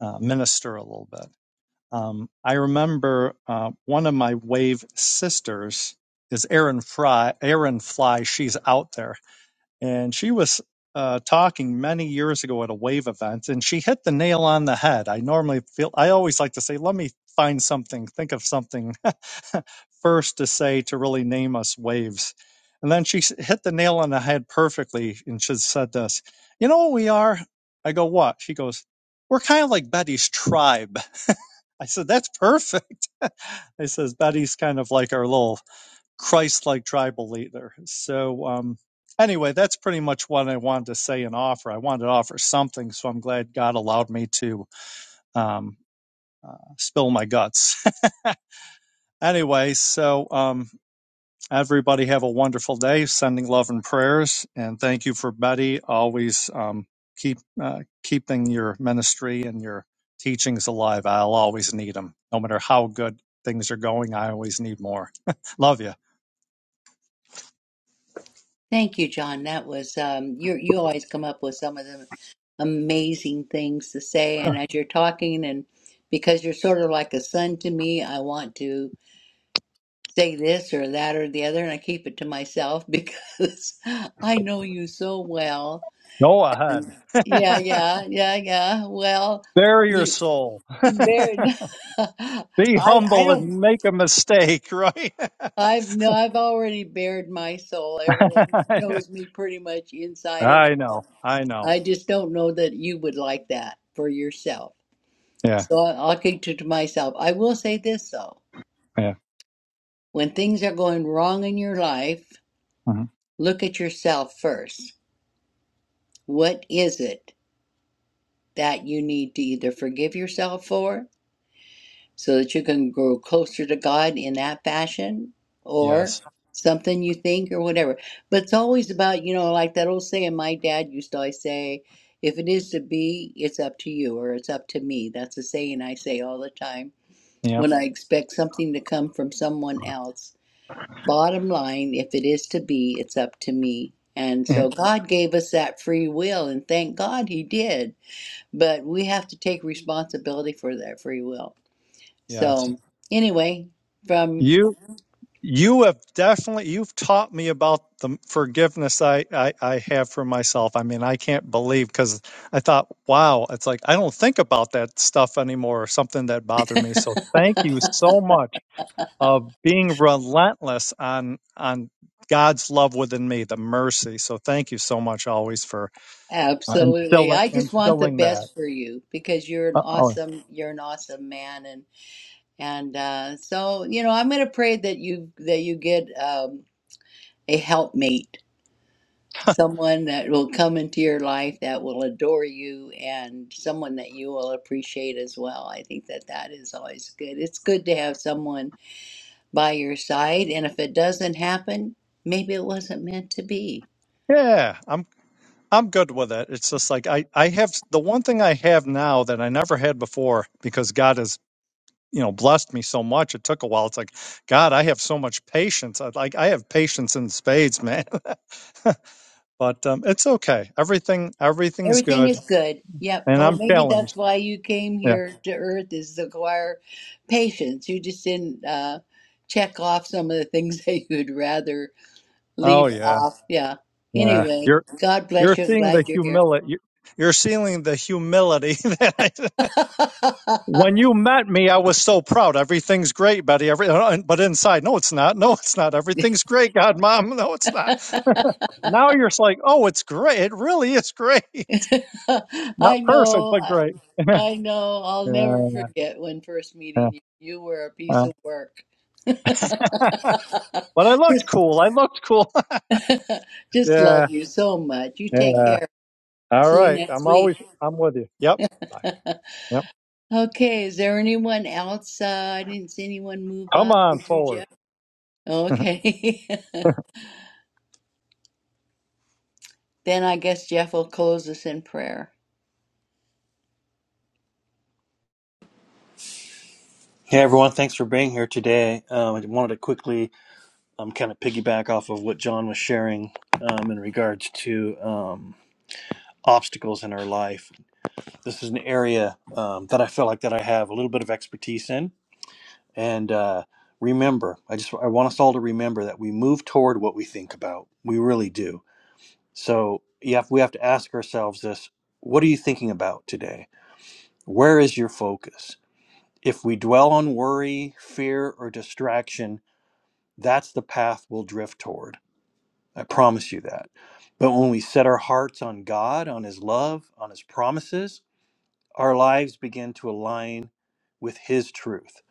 uh, minister a little bit um, i remember uh, one of my wave sisters is Erin Fry. Erin Fly, she's out there and she was uh, talking many years ago at a wave event, and she hit the nail on the head. I normally feel I always like to say, let me find something, think of something <laughs> first to say to really name us waves. And then she s- hit the nail on the head perfectly, and she said this, you know what we are? I go, what? She goes, we're kind of like Betty's tribe. I said, that's perfect. <laughs> I says, Betty's kind of like our little Christ like tribal leader. So, um, anyway, that's pretty much what I wanted to say and offer. I wanted to offer something, so I'm glad God allowed me to um, uh, spill my guts. <laughs> anyway, so um, everybody have a wonderful day, sending love and prayers. And thank you for Betty, always um, keep uh, keeping your ministry and your teachings alive. I'll always need them, no matter how good things are going. I always need more. <laughs> love you. Thank you, John. That was um, you. You always come up with some of the amazing things to say, and as you're talking, and because you're sort of like a son to me, I want to say this or that or the other, and I keep it to myself <laughs> because I know you so well. Go And ahead. <laughs> yeah, yeah, yeah, yeah. Well, Bare your you, soul. <laughs> there. <laughs> I Be I humble don't. and make a mistake, right? I've no. I've already bared my soul. Everyone <laughs> knows me pretty much inside and I out. know. I know. I just don't know that you would like that for yourself. Yeah. So I- I'll keep it to myself. I will say this though. Yeah. When things are going wrong in your life, hmm look at yourself first. What is it that you need to either forgive yourself for so that you can grow closer to God in that fashion or Yes. something you think or whatever. But it's always about, you know, like that old saying my dad used to always say, if it is to be, it's up to you or it's up to me. That's a saying I say all the time Yep. when I expect something to come from someone else. Bottom line, if it is to be, it's up to me. And Yeah. so God gave us that free will, and thank God He did. But we have to take responsibility for that free will. Yes. So, anyway, from You you have definitely you've taught me about the forgiveness I I, I have for myself. I mean, I can't believe because I thought, wow, it's like I don't think about that stuff anymore or something that bothered me. So thank you so much. of being relentless on on God's love within me, the mercy. So thank you so much always for uh, absolutely, instilling I just want the instilling that. best for you because you're an Uh, oh, awesome, you're an awesome man, and and uh, so you know, I'm going to pray that you that you get um, a helpmate someone that will come into your life that will adore you and someone that you will appreciate as well. I think that that is always good. It's good to have someone by your side, and if it doesn't happen, maybe it wasn't meant to be. yeah, I'm I'm good with it. It's just like I I have the one thing I have now that I never had before because God has you know blessed me so much. It took a while. It's like God, I have so much patience. I like I have patience in spades, man. <laughs> but um, it's okay. Everything everything's Everything good, is good. Yep. and Well, I'm maybe that's challenged. why you came Yeah. here to Earth is to acquire patience. You just didn't uh, check off some of the things <laughs> that you'd rather Oh leave yeah. off. Yeah. Yeah. Anyway, You're God bless You're you. I'm seeing the glad you're here. humility. You're seeing the humility <laughs> that I, <laughs> when you met me, I was so proud. Everything's great, Betty. Every, uh, uh, but inside, no, it's not. No, it's not. <laughs> Everything's great, God, Mom. <laughs> No, it's not. Now you're just like, oh, it's great. It really is great. <laughs> Not I perfect, know. but I, great. <laughs> yeah, I know. I'll never forget when first uh, meeting you. You were a piece <laughs> of work. <laughs> but I looked just, cool. I looked cool. <laughs> <laughs> just yeah, love you so much. You take yeah. care. All See you right. next I'm week. always. I'm with you. Yep. <laughs> Yep. okay. Is there anyone else? Uh, I didn't see anyone move Come up. on Did you, Jeff? forward. <laughs> Okay. <laughs> then I guess Jeff will close us in prayer. Hey everyone, thanks for being here today. Um, I wanted to quickly um, kind of piggyback off of what John was sharing um, in regards to um, obstacles in our life. This is an area um, that I feel like that I have a little bit of expertise in. And uh, remember, I just I want us all to remember that we move toward what we think about. We really do. So you have, we have to ask ourselves this: What are you thinking about today? Where is your focus? If we dwell on worry, fear, or distraction that's the path we'll drift toward. I promise you that. But when we set our hearts on God, on His love, on His promises, our lives begin to align with His truth.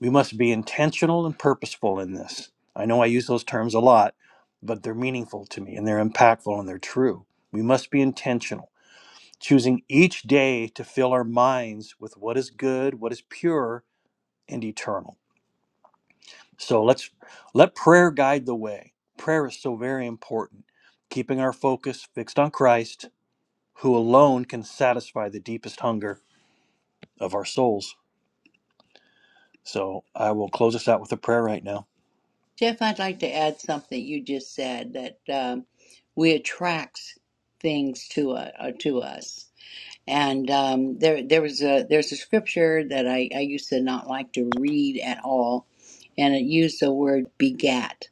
We must be intentional and purposeful in this. I know I use those terms a lot, but they're meaningful to me and they're impactful and they're true. We must be intentional, choosing each day to fill our minds with what is good, what is pure, and eternal. So let's let prayer guide the way. Prayer is so very important. Keeping our focus fixed on Christ, who alone can satisfy the deepest hunger of our souls. So I will close us out with a prayer right now. Jeff, I'd like to add something you just said that um, we attract things to uh, uh, to us, and um, there there was a there's a scripture that I, I used to not like to read at all, and it used the word begat,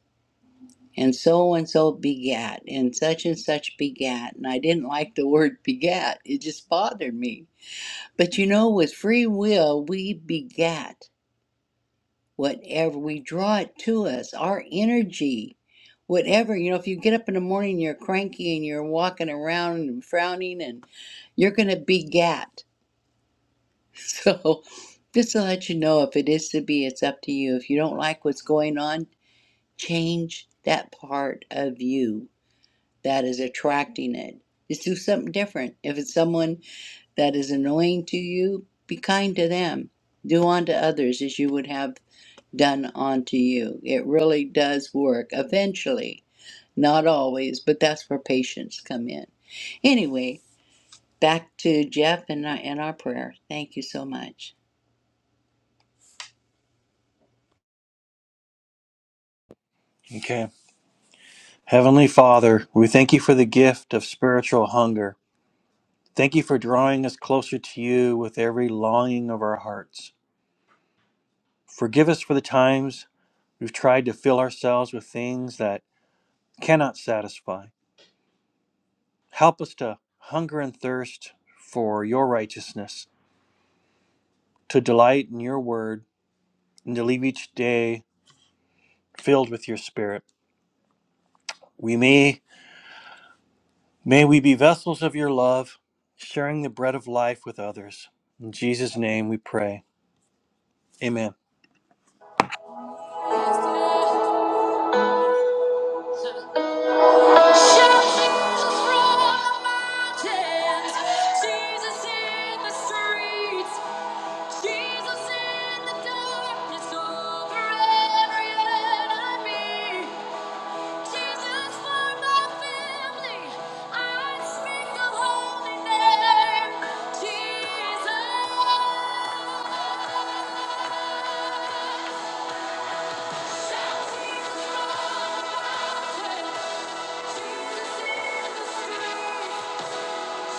and so and so begat, and such and such begat, and I didn't like the word begat. It just bothered me. But you know, with free will, we begat whatever we draw it to us our energy whatever you know if you get up in the morning you're cranky and you're walking around and frowning and you're going to be gat <laughs> so just to let you know if it is to be it's up to you if you don't like what's going on change that part of you that is attracting it just do something different if it's someone that is annoying to you be kind to them do unto others as you would have done onto you. It really does work eventually. Not always, but that's where patients come in. Anyway, back to Jeff and, our- and our prayer. Thank you so much. Okay. Heavenly Father, we thank you for the gift of spiritual hunger. Thank you for drawing us closer to you with every longing of our hearts. Forgive us for the times we've tried to fill ourselves with things that cannot satisfy Help us to hunger and thirst for your righteousness, to delight in your word, and to leave each day filled with your spirit. We may may we be vessels of your love, sharing the bread of life with others. In Jesus' name we pray. Amen. Shouting from the mountains, Jesus in the streets. Jesus in the darkness over every enemy. Jesus for my family. I speak the holy name. Jesus. Shout Jesus on the mountain. Jesus in the street.